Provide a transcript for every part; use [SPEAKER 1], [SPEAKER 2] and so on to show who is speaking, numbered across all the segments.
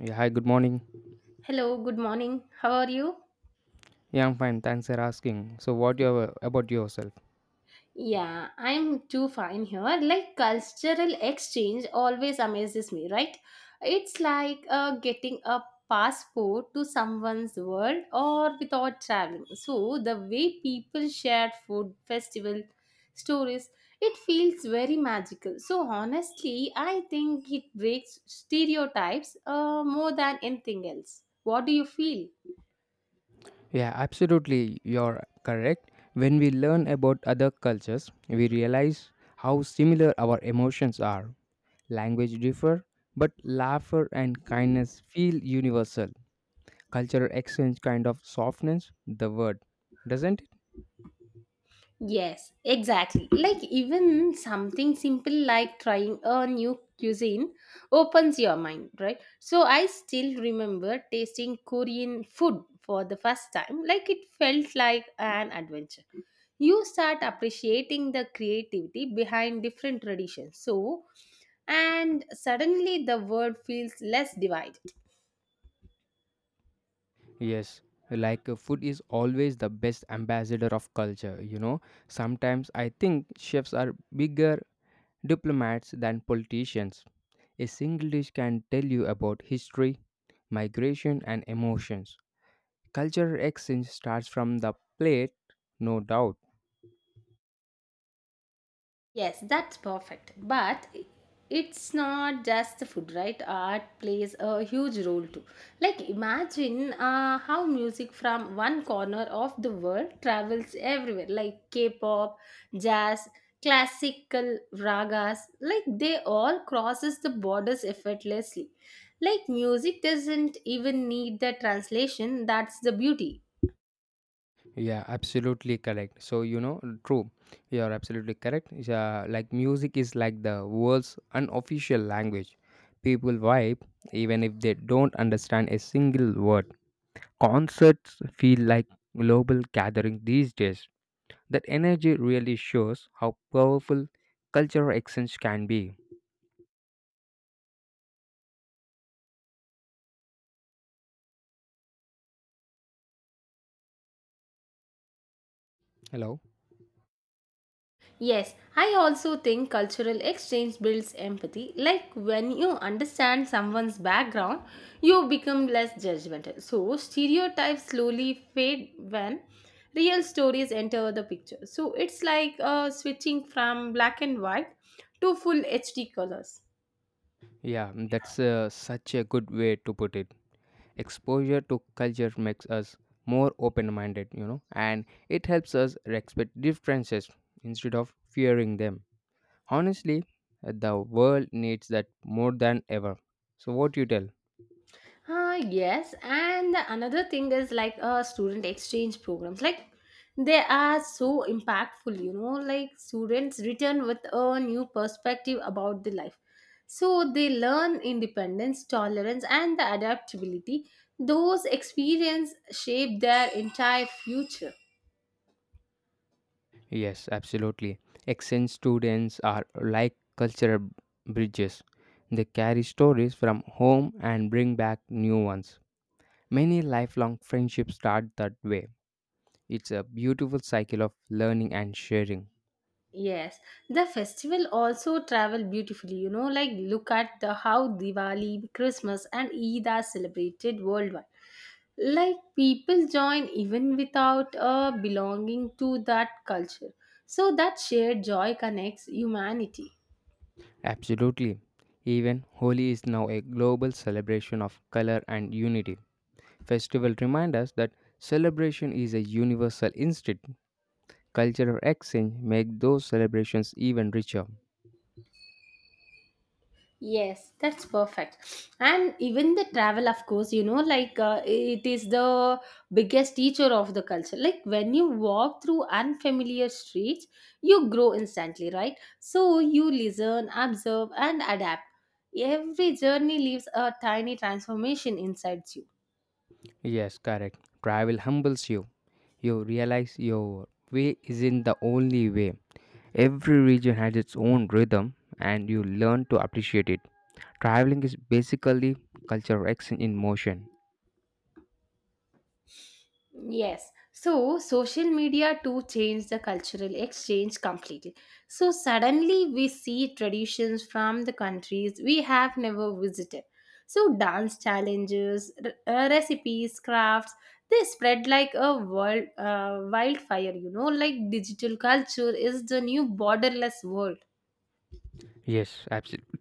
[SPEAKER 1] Yeah, hi, good morning.
[SPEAKER 2] Hello, good morning. How are you?
[SPEAKER 1] Yeah, I'm fine. Thanks for asking. So, what you have about yourself?
[SPEAKER 2] Yeah, I'm too fine here. Like cultural exchange always amazes me, right? It's like getting a passport to someone's world or without traveling. So the way people share food, festival, stories, it feels very magical. So honestly, I think it breaks stereotypes more than anything else. What do you feel?
[SPEAKER 1] Yeah, absolutely. You're correct. When we learn about other cultures, we realize how similar our emotions are. Language differ, but laughter and kindness feel universal. Cultural exchange kind of softens the word, doesn't it?
[SPEAKER 2] Yes, exactly. Like even something simple like trying a new cuisine opens your mind, right? So I still remember tasting Korean food for the first time. Like it felt like an adventure. You start appreciating the creativity behind different traditions. So and suddenly the world feels less divided.
[SPEAKER 1] Yes, like food is always the best ambassador of culture, you know. Sometimes I think chefs are bigger diplomats than politicians. A single dish can tell you about history, migration, and emotions. Cultural exchange starts from the plate, no doubt.
[SPEAKER 2] Yes, that's perfect. But it's not just the food, right? Art plays a huge role too. Like, imagine how music from one corner of the world travels everywhere, like K pop, jazz, classical ragas, like, they all crosses the borders effortlessly. Like, music doesn't even need the translation, that's the beauty.
[SPEAKER 1] Yeah, absolutely correct. So, you know, true. You are absolutely correct. Yeah, like music is like the world's unofficial language. People vibe even if they don't understand a single word. Concerts feel like global gathering these days. That energy really shows how powerful cultural exchange can be. Hello.
[SPEAKER 2] Yes, I also think cultural exchange builds empathy. Like when you understand someone's background, you become less judgmental. So, stereotypes slowly fade when real stories enter the picture. So, it's like switching from black and white to full HD colors.
[SPEAKER 1] Yeah, that's such a good way to put it. Exposure to culture makes us more open minded, you know, and it helps us respect differences instead of fearing them. Honestly, the world needs that more than ever. So, what you tell?
[SPEAKER 2] Yes, and the another thing is like student exchange programs. Like they are so impactful, you know. Like students return with a new perspective about the life, so they learn independence, tolerance, and the adaptability. Those experiences shape their entire future.
[SPEAKER 1] Yes, absolutely. Exchange students are like cultural bridges. They carry stories from home and bring back new ones. Many lifelong friendships start that way. It's a beautiful cycle of learning and sharing.
[SPEAKER 2] Yes, the festival also travel beautifully. You know, like look at the how Diwali, Christmas, and Eid are celebrated worldwide. Like people join even without belonging to that culture. So that shared joy connects humanity.
[SPEAKER 1] Absolutely. Even Holi is now a global celebration of color and unity. Festival remind us that celebration is a universal instinct. Cultural exchange make those celebrations even richer.
[SPEAKER 2] Yes, that's perfect. And even the travel, of course, you know, like it is the biggest teacher of the culture. Like when you walk through unfamiliar streets, you grow instantly, right? So you listen, observe, and adapt. Every journey leaves a tiny transformation inside you.
[SPEAKER 1] Yes, correct. Travel humbles you. You realize your way isn't the only way. Every region has its own rhythm and you learn to appreciate it. Traveling is basically cultural exchange in motion.
[SPEAKER 2] Yes. So social media too changed the cultural exchange completely. So suddenly we see traditions from the countries we have never visited. So dance challenges, recipes, crafts, they spread like a world wildfire, you know, like digital culture is the new borderless world.
[SPEAKER 1] Yes, absolutely.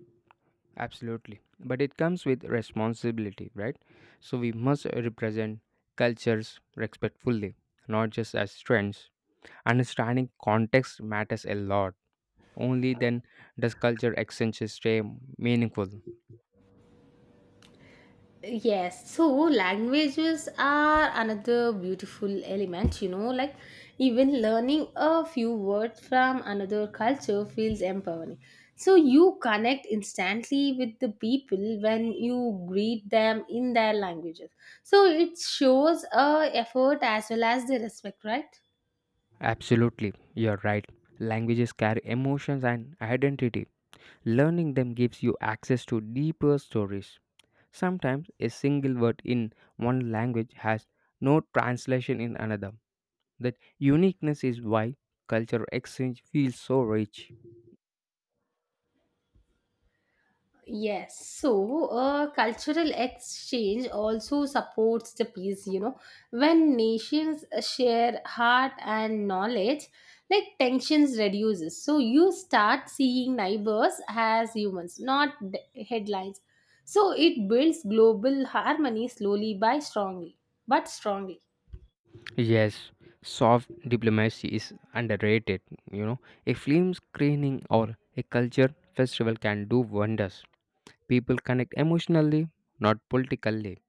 [SPEAKER 1] Absolutely. But it comes with responsibility, right? So we must represent cultures respectfully, not just as trends. Understanding context matters a lot. Only then does culture exchange stay meaningful.
[SPEAKER 2] Yes, so languages are another beautiful element, you know, like even learning a few words from another culture feels empowering. So you connect instantly with the people when you greet them in their languages. So it shows a effort as well as the respect, right?
[SPEAKER 1] Absolutely, you're right. Languages carry emotions and identity. Learning them gives you access to deeper stories. Sometimes a single word in one language has no translation in another. That uniqueness is why cultural exchange feels so rich.
[SPEAKER 2] Yes, so cultural exchange also supports the peace, you know. When nations share heart and knowledge, like tensions reduces. So you start seeing neighbors as humans, not headlines. So it builds global harmony slowly by strongly, but strongly.
[SPEAKER 1] Yes, soft diplomacy is underrated. You know, a film screening or a culture festival can do wonders. People connect emotionally, not politically.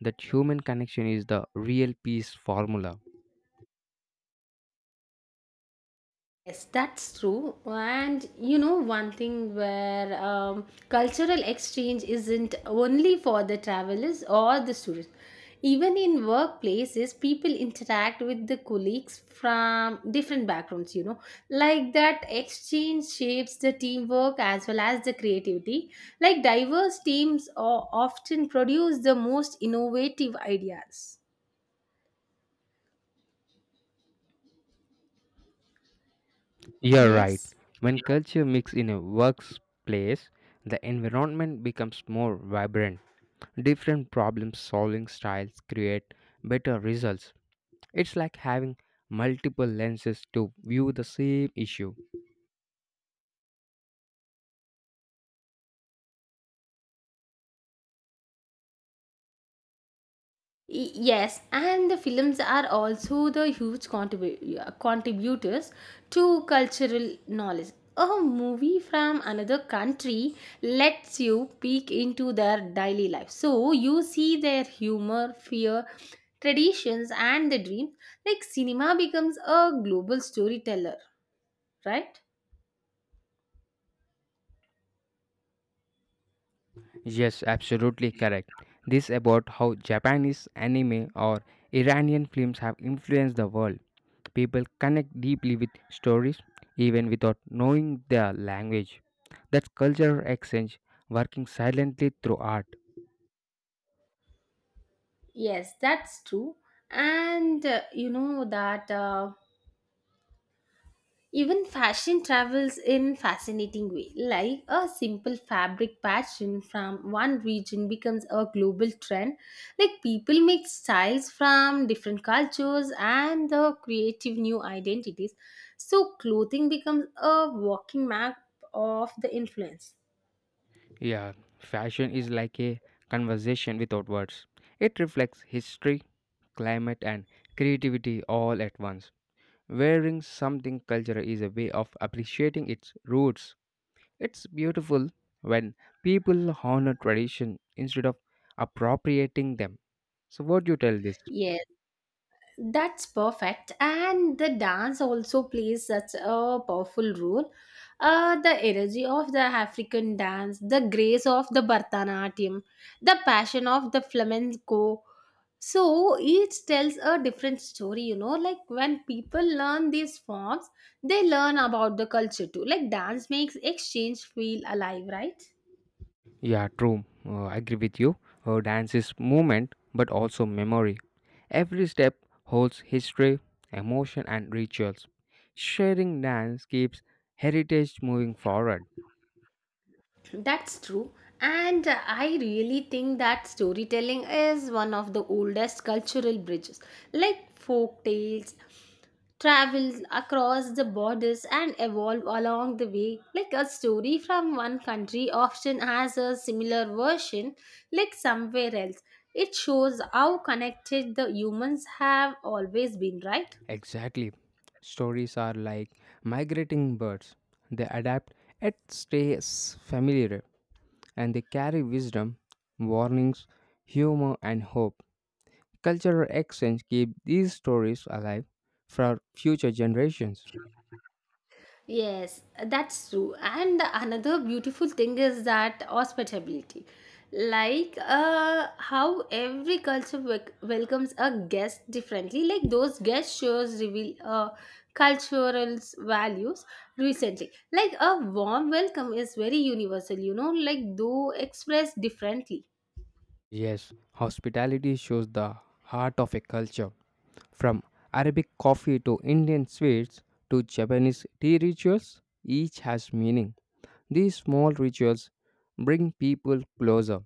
[SPEAKER 1] That human connection is the real peace formula.
[SPEAKER 2] Yes, that's true. And you know, one thing where cultural exchange isn't only for the travelers or the students. Even in workplaces, people interact with the colleagues from different backgrounds, you know. Like that exchange shapes the teamwork as well as the creativity. Like diverse teams often produce the most innovative ideas.
[SPEAKER 1] You're right.
[SPEAKER 2] Yes.
[SPEAKER 1] When culture mix in a workplace, the environment becomes more vibrant. Different problem solving styles create better results. It's like having multiple lenses to view the same issue.
[SPEAKER 2] Yes, and the films are also the huge contributors to cultural knowledge. A movie from another country lets you peek into their daily life. So you see their humor, fear, traditions, and the dream. Like cinema becomes a global storyteller, right?
[SPEAKER 1] Yes, absolutely correct. This about how Japanese anime or Iranian films have influenced the world. People connect deeply with stories even without knowing their language. That's cultural exchange working silently through art.
[SPEAKER 2] Yes, that's true. And you know that. Even fashion travels in fascinating way. Like a simple fabric pattern from one region becomes a global trend. Like people make styles from different cultures and the creative new identities. So clothing becomes a walking map of the influence.
[SPEAKER 1] Yeah, fashion is like a conversation without words. It reflects history, climate and creativity all at once. Wearing something cultural is a way of appreciating its roots. It's beautiful when people honor tradition instead of appropriating them. So, what do you tell this?
[SPEAKER 2] Yes. That's perfect. And the dance also plays such a powerful role. The energy of the African dance, the grace of the Bharatanatyam, the passion of the flamenco. So each tells a different story, you know. Like when people learn these forms, they learn about the culture too. Like dance makes exchange feel alive, right?
[SPEAKER 1] Yeah, true. I agree with you. Dance is movement but also memory. Every step holds history, emotion, and rituals. Sharing dance keeps heritage moving forward.
[SPEAKER 2] That's true. And I really think that storytelling is one of the oldest cultural bridges. Like folk tales travel across the borders and evolve along the way. Like a story from one country often has a similar version, like somewhere else. It shows how connected the humans have always been, right?
[SPEAKER 1] Exactly. Stories are like migrating birds. They adapt and familiar, and they carry wisdom, warnings, humor, and hope. Cultural exchange keep these stories alive for future generations.
[SPEAKER 2] Yes, that's true. And the another beautiful thing is that hospitality. Like how every culture welcomes a guest differently. Like those guest shows reveal cultural values recently. Like a warm welcome is very universal, you know, like though expressed differently.
[SPEAKER 1] Yes, hospitality shows the heart of a culture. From Arabic coffee to Indian sweets to Japanese tea rituals, each has meaning. These small rituals bring people closer.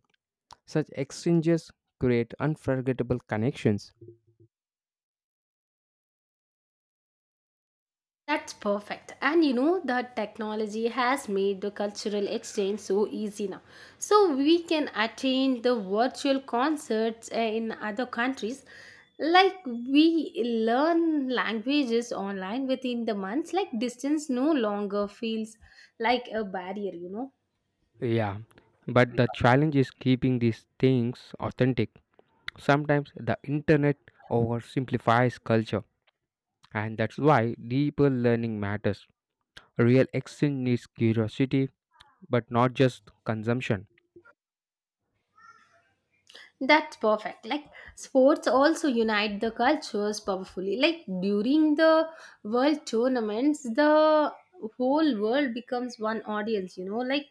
[SPEAKER 1] Such exchanges create unforgettable connections.
[SPEAKER 2] That's perfect. And you know, the technology has made the cultural exchange so easy now. So we can attend the virtual concerts in other countries. Like we learn languages online within the months, like distance no longer feels like a barrier, you know.
[SPEAKER 1] Yeah, but the challenge is keeping these things authentic. Sometimes the internet oversimplifies culture, and that's why deeper learning matters. Real exchange needs curiosity, but not just consumption.
[SPEAKER 2] That's perfect. Like sports also unite the cultures powerfully. Like during the world tournaments, the whole world becomes one audience, you know. Like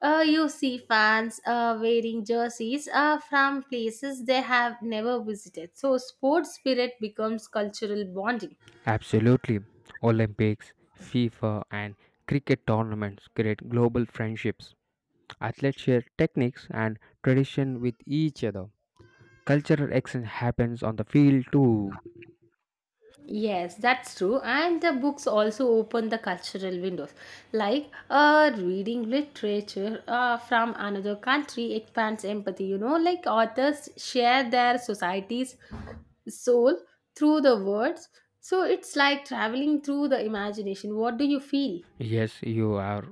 [SPEAKER 2] you see fans wearing jerseys from places they have never visited. So, sports spirit becomes cultural bonding.
[SPEAKER 1] Absolutely. Olympics, FIFA, and cricket tournaments create global friendships. Athletes share techniques and tradition with each other. Cultural exchange happens on the field too.
[SPEAKER 2] Yes, that's true. And the books also open the cultural windows. Like reading literature from another country expands empathy. You know, like authors share their society's soul through the words. So it's like traveling through the imagination. What do you feel?
[SPEAKER 1] Yes, you are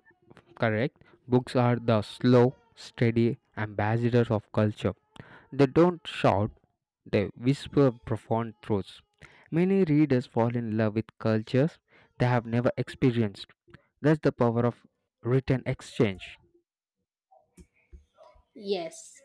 [SPEAKER 1] correct. Books are the slow, steady ambassadors of culture. They don't shout, they whisper profound truths. Many readers fall in love with cultures they have never experienced. That's the power of written exchange.
[SPEAKER 2] Yes.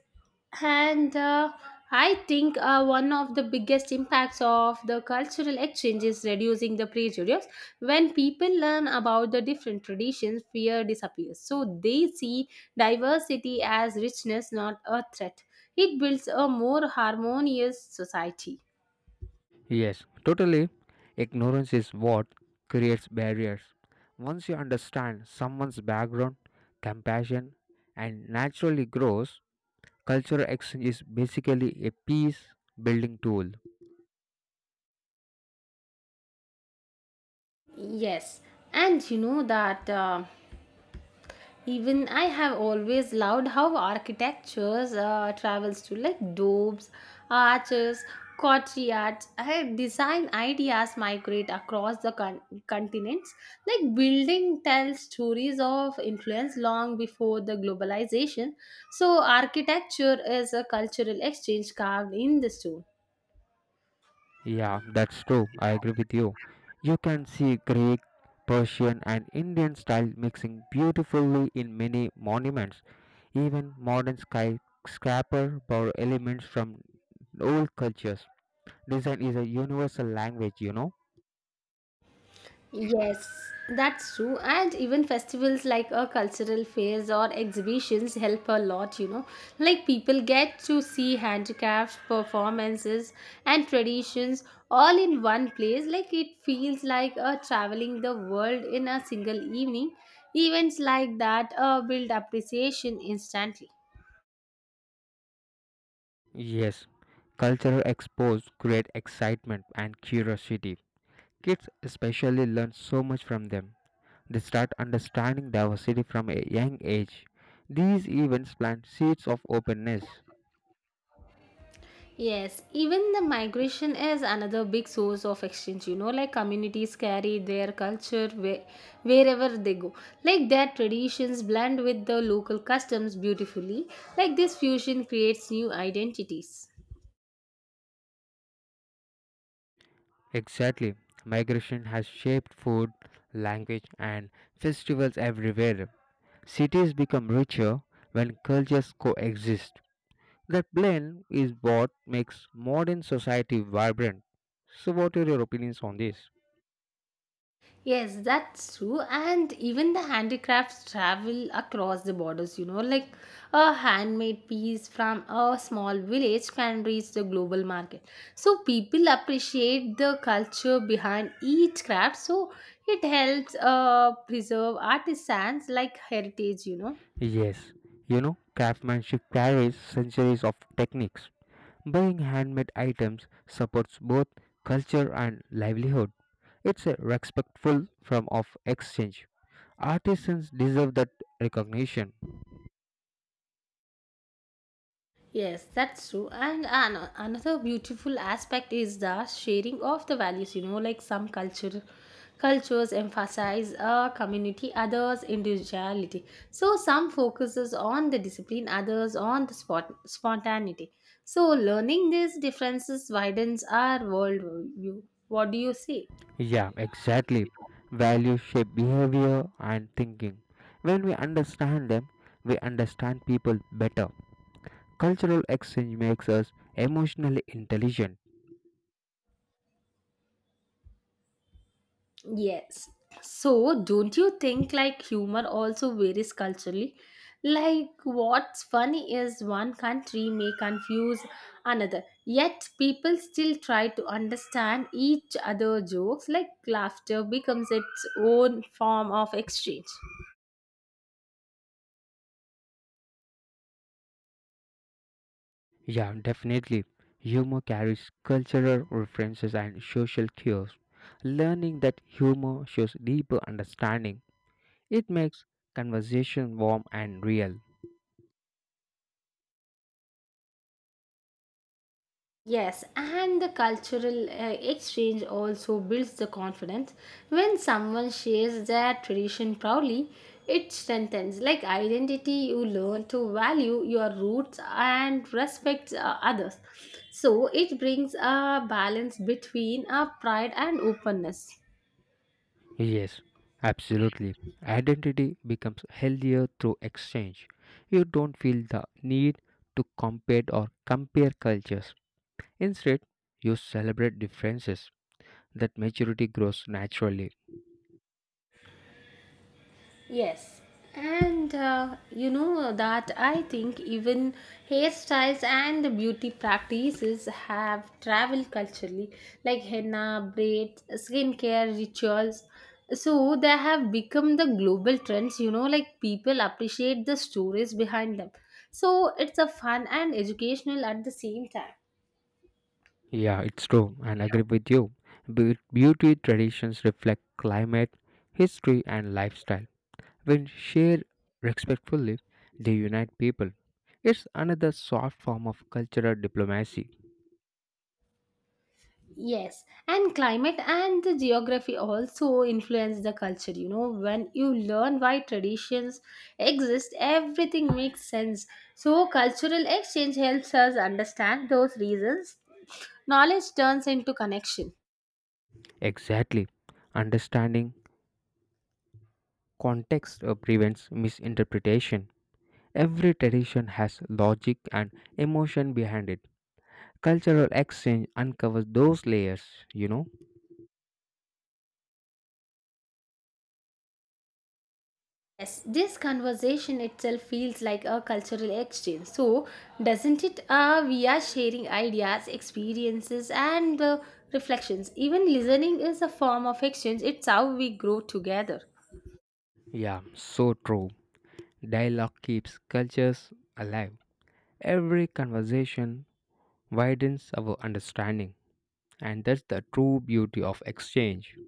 [SPEAKER 2] And I think one of the biggest impacts of the cultural exchange is reducing the prejudice. When people learn about the different traditions, fear disappears. So they see diversity as richness, not a threat. It builds a more harmonious society.
[SPEAKER 1] Yes, totally. Ignorance is what creates barriers. Once you understand someone's background, compassion, and naturally grows, cultural exchange is basically a peace building tool.
[SPEAKER 2] Yes, and you know that even I have always loved how architectures travels to like domes, arches, courtyards. Her design ideas migrate across the continents. Like building tells stories of influence long before the globalization. So architecture is a cultural exchange carved in the stone.
[SPEAKER 1] Yeah, that's true. I agree with you. You can see Greek, Persian, and Indian style mixing beautifully in many monuments. Even modern skyscraper borrow elements from old cultures. Design is a universal language, you know?
[SPEAKER 2] Yes, that's true. And even festivals like a cultural fairs or exhibitions help a lot, you know. Like people get to see handicrafts, performances, and traditions all in one place. Like it feels like a traveling the world in a single evening. Events like that build appreciation instantly.
[SPEAKER 1] Yes, cultural expos create excitement and curiosity. Kids especially learn so much from them. They start understanding diversity from a young age. These events plant seeds of openness.
[SPEAKER 2] Yes, even the migration is another big source of exchange. You know, like communities carry their culture wherever they go. Like their traditions blend with the local customs beautifully. Like this fusion creates new identities.
[SPEAKER 1] Exactly. Migration has shaped food, language, and festivals everywhere. Cities become richer when cultures coexist. That blend is what makes modern society vibrant. So, what are your opinions on this?
[SPEAKER 2] Yes, that's true. And even the handicrafts travel across the borders, you know, like a handmade piece from a small village can reach the global market. So people appreciate the culture behind each craft. So it helps preserve artisans like heritage, you know.
[SPEAKER 1] Yes, you know, craftsmanship carries centuries of techniques. Buying handmade items supports both culture and livelihood. It's a respectful form of exchange. Artisans deserve that recognition.
[SPEAKER 2] Yes, that's true. And another beautiful aspect is the sharing of the values. You know, like some cultures emphasize a community, others individuality. So some focuses on the discipline, others on the spontaneity. So learning these differences widens our worldview. What do you say?
[SPEAKER 1] Yeah, exactly. Values shape behavior and thinking. When we understand them, we understand people better. Cultural exchange makes us emotionally intelligent.
[SPEAKER 2] Yes. So, don't you think like humor also varies culturally? Like, what's funny is one country may confuse another, yet people still try to understand each other jokes. Like, laughter becomes its own form of exchange.
[SPEAKER 1] Yeah, definitely. Humor carries cultural references and social cues. Learning that humor shows deeper understanding. It makes conversation warm and real.
[SPEAKER 2] Yes, and the cultural exchange also builds the confidence. When someone shares their tradition proudly, it strengthens like identity. You learn to value your roots and respect others. So it brings a balance between pride and openness.
[SPEAKER 1] Yes, absolutely. Identity becomes healthier through exchange. You don't feel the need to compete or compare cultures. Instead, you celebrate differences. That maturity grows naturally.
[SPEAKER 2] Yes, and you know that I think even hairstyles and the beauty practices have traveled culturally, like henna, braids, skincare rituals. So they have become the global trends, you know, like people appreciate the stories behind them. So it's a fun and educational at the same time.
[SPEAKER 1] Yeah, it's true, and agree with you. Beauty traditions reflect climate, history, and lifestyle. When shared respectfully, they unite people. It's another soft form of cultural diplomacy.
[SPEAKER 2] Yes, and climate and the geography also influence the culture. You know, when you learn why traditions exist, everything makes sense. So, cultural exchange helps us understand those reasons. Knowledge turns into connection.
[SPEAKER 1] Exactly. Understanding context prevents misinterpretation. Every tradition has logic and emotion behind it. Cultural exchange uncovers those layers, you know?
[SPEAKER 2] Yes, this conversation itself feels like a cultural exchange. So, doesn't it? We are sharing ideas, experiences, and reflections. Even listening is a form of exchange, it's how we grow together.
[SPEAKER 1] Yeah, so true. Dialogue keeps cultures alive. Every conversation widens our understanding, and that's the true beauty of exchange.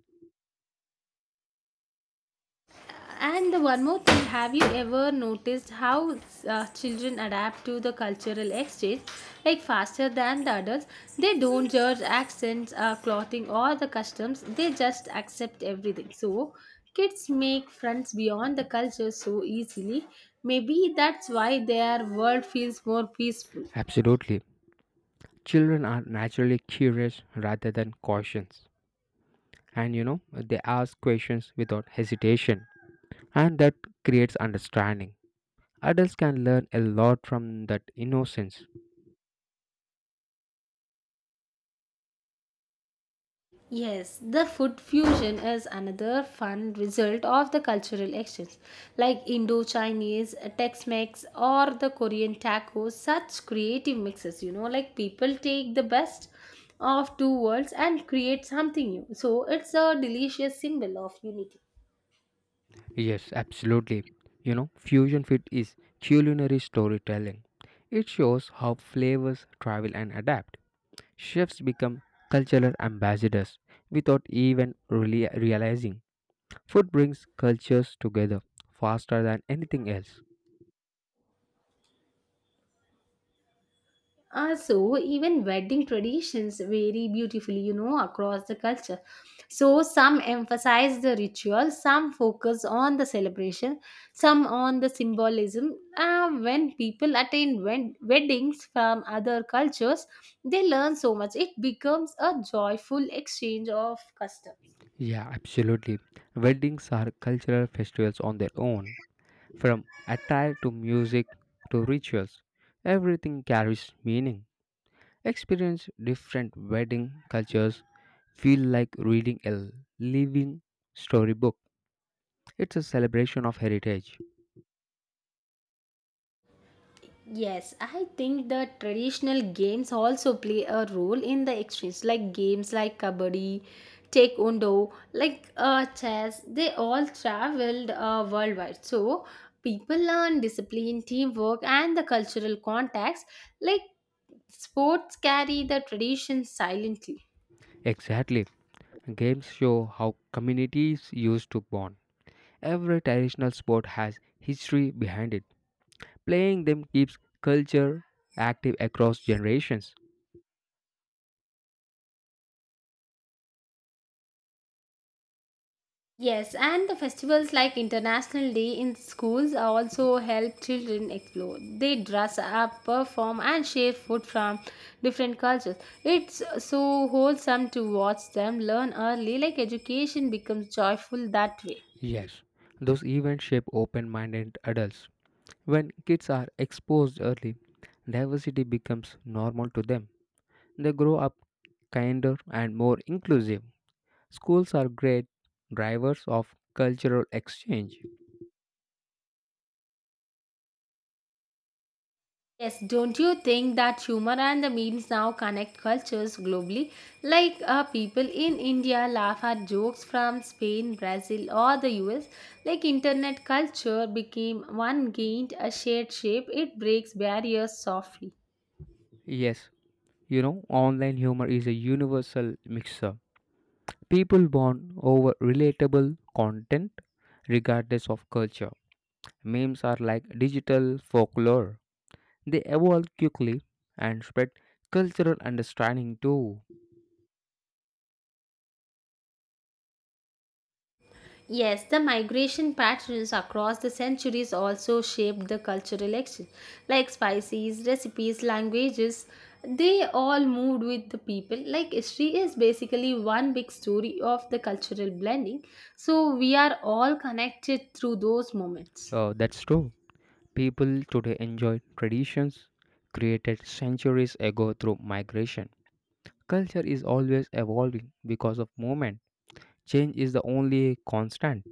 [SPEAKER 2] And the one more thing, have you ever noticed how children adapt to the cultural exchange like faster than the adults? They don't judge accents, clothing, or the customs. They just accept everything. So kids make friends beyond the culture so easily. Maybe that's why their world feels more peaceful.
[SPEAKER 1] Absolutely. Children are naturally curious rather than cautious. And you know, they ask questions without hesitation, and that creates understanding. Adults can learn a lot from that innocence.
[SPEAKER 2] Yes, the food fusion is another fun result of the cultural exchange. Like Indo Chinese, Tex Mex, or the Korean tacos, such creative mixes, you know, like people take the best of two worlds and create something new. So it's a delicious symbol of unity.
[SPEAKER 1] Yes, absolutely. You know, fusion food is culinary storytelling. It shows how flavors travel and adapt. Chefs become cultural ambassadors without even really realizing. Food brings cultures together faster than anything else.
[SPEAKER 2] So even wedding traditions vary beautifully, you know, across the culture. So some emphasize the ritual, some focus on the celebration, some on the symbolism. When people attend weddings from other cultures, they learn so much. It becomes a joyful exchange of customs.
[SPEAKER 1] Yeah, absolutely. Weddings are cultural festivals on their own. From attire to music to rituals, everything carries meaning. Experience different wedding cultures feel like reading a living storybook. It's a celebration of heritage.
[SPEAKER 2] Yes, I think the traditional games also play a role in the exchange, like games like kabaddi, taekwondo, like chess. They all traveled worldwide, so people learn discipline, teamwork, and the cultural context. Like sports carry the tradition silently.
[SPEAKER 1] Exactly. Games show how communities used to bond. Every traditional sport has history behind it. Playing them keeps culture active across generations.
[SPEAKER 2] Yes, and the festivals like International Day in schools also help children explore. They dress up, perform, and share food from different cultures. It's so wholesome to watch them learn early, like education becomes joyful that way.
[SPEAKER 1] Yes, those events shape open minded adults. When kids are exposed early, diversity becomes normal to them. They grow up kinder and more inclusive. Schools are great drivers of cultural exchange.
[SPEAKER 2] Yes, don't you think that humor and the memes now connect cultures globally? Like people in India laugh at jokes from Spain, Brazil, or the US. Like internet culture became one gained a shared shape, it breaks barriers softly.
[SPEAKER 1] Yes, you know, online humor is a universal mixer. People bond over relatable content regardless of culture. Memes are like digital folklore, they evolve quickly and spread cultural understanding too.
[SPEAKER 2] Yes, the migration patterns across the centuries also shaped the cultural exchange. Like spices, recipes, languages, they all moved with the people. Like history is basically one big story of the cultural blending. So we are all connected through those moments.
[SPEAKER 1] That's true. People today enjoy traditions created centuries ago through migration. Culture is always evolving because of movement. Change is the only constant.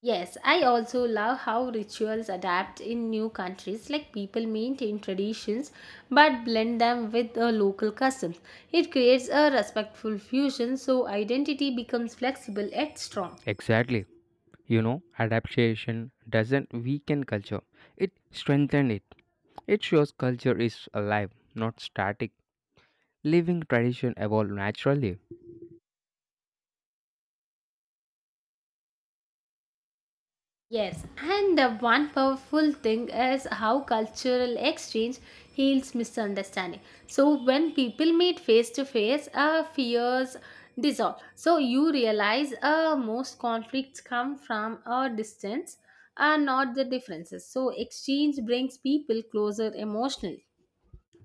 [SPEAKER 2] Yes, I also love how rituals adapt in new countries. Like people maintain traditions but blend them with the local customs. It creates a respectful fusion so identity becomes flexible yet strong.
[SPEAKER 1] Exactly. You know, adaptation doesn't weaken culture, it strengthens it. It shows culture is alive, not static. Living tradition evolve naturally.
[SPEAKER 2] Yes, and the one powerful thing is how cultural exchange heals misunderstanding. So when people meet face to face, fears dissolve. So you realize most conflicts come from a distance, and not the differences. So exchange brings people closer emotionally.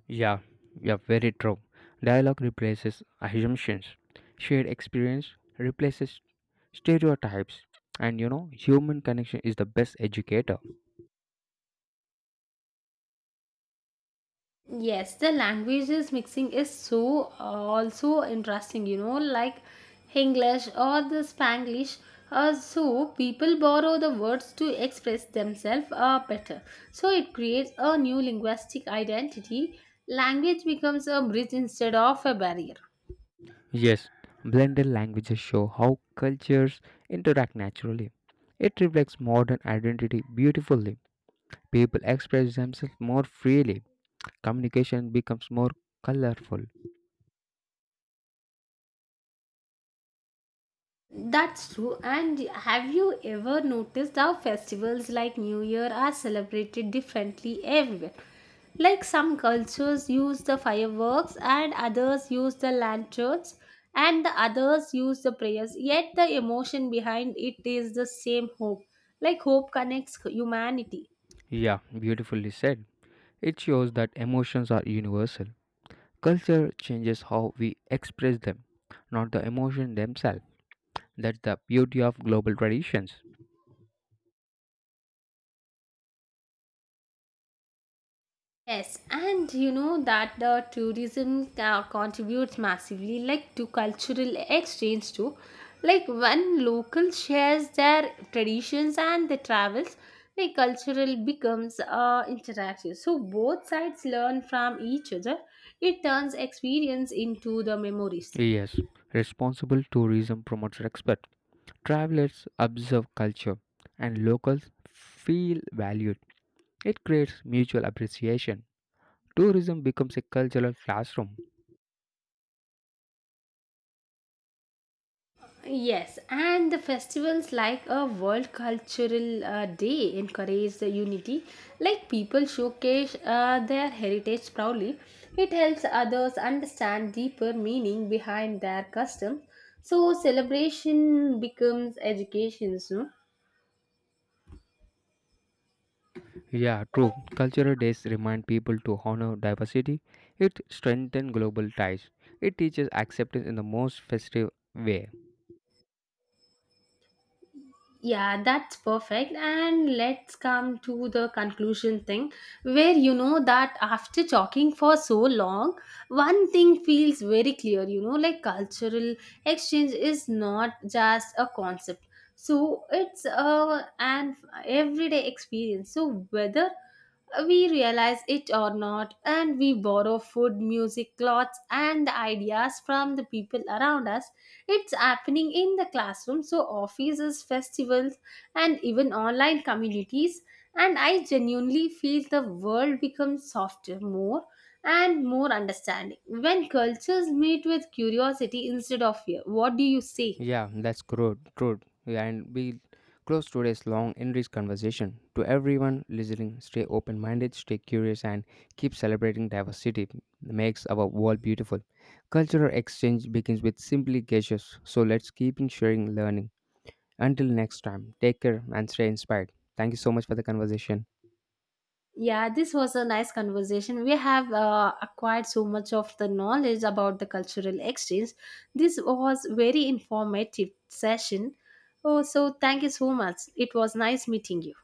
[SPEAKER 1] Yeah, yeah, very true. Dialogue replaces assumptions. Shared experience replaces stereotypes. And you know, human connection is the best educator.
[SPEAKER 2] Yes, the languages mixing is also interesting, you know, like English or the Spanglish. So people borrow the words to express themselves better. So it creates a new linguistic identity. Language becomes a bridge instead of a barrier.
[SPEAKER 1] Yes, blended languages show how cultures interact naturally. It reflects modern identity beautifully. People express themselves more freely. Communication becomes more colorful.
[SPEAKER 2] That's true. And have you ever noticed how festivals like New Year are celebrated differently everywhere? Like some cultures use the fireworks, and others use the lanterns, and the others use the prayers. Yet the emotion behind it is the same hope. Like hope connects humanity.
[SPEAKER 1] Yeah, beautifully said. It shows that emotions are universal. Culture changes how we express them, not the emotion themselves. That's the beauty of global traditions.
[SPEAKER 2] Yes, and you know that the tourism contributes massively, like to cultural exchange too. Like when local shares their traditions and the travels, like cultural becomes interactive. So both sides learn from each other. It turns experience into the memories.
[SPEAKER 1] Yes, responsible tourism promotes respect. Travelers observe culture and locals feel valued. It creates mutual appreciation. Tourism becomes a cultural classroom.
[SPEAKER 2] Yes, and the festivals like a World Cultural Day encourage the unity. Like people showcase their heritage proudly. It helps others understand deeper meaning behind their customs. So celebration becomes education. No?
[SPEAKER 1] Yeah, true. Cultural days remind people to honor diversity. It strengthens global ties. It teaches acceptance in the most festive way.
[SPEAKER 2] Yeah, that's perfect. And let's come to the conclusion thing, where you know that after talking for so long, one thing feels very clear you know, like cultural exchange is not just a concept, so it's a an everyday experience. So, whether we realize it or not, and we borrow food, music, clothes, and the ideas from the people around us it's happening in the classroom, so offices, festivals, and even online communities. And I genuinely feel the world becomes softer, more and more understanding when cultures meet with curiosity instead of fear. What do you say?
[SPEAKER 1] Yeah, that's true. And we close today's long and rich conversation. To everyone listening, stay open minded, stay curious, and keep celebrating diversity. Makes our world beautiful. Cultural exchange begins with simply gestures. So let's keep in sharing learning. Until next time, take care and stay inspired. Thank you so much for the conversation.
[SPEAKER 2] Yeah, this was a nice conversation. We have acquired so much of the knowledge about the cultural exchange. This was very informative session. Oh, so thank you so much. It was nice meeting you.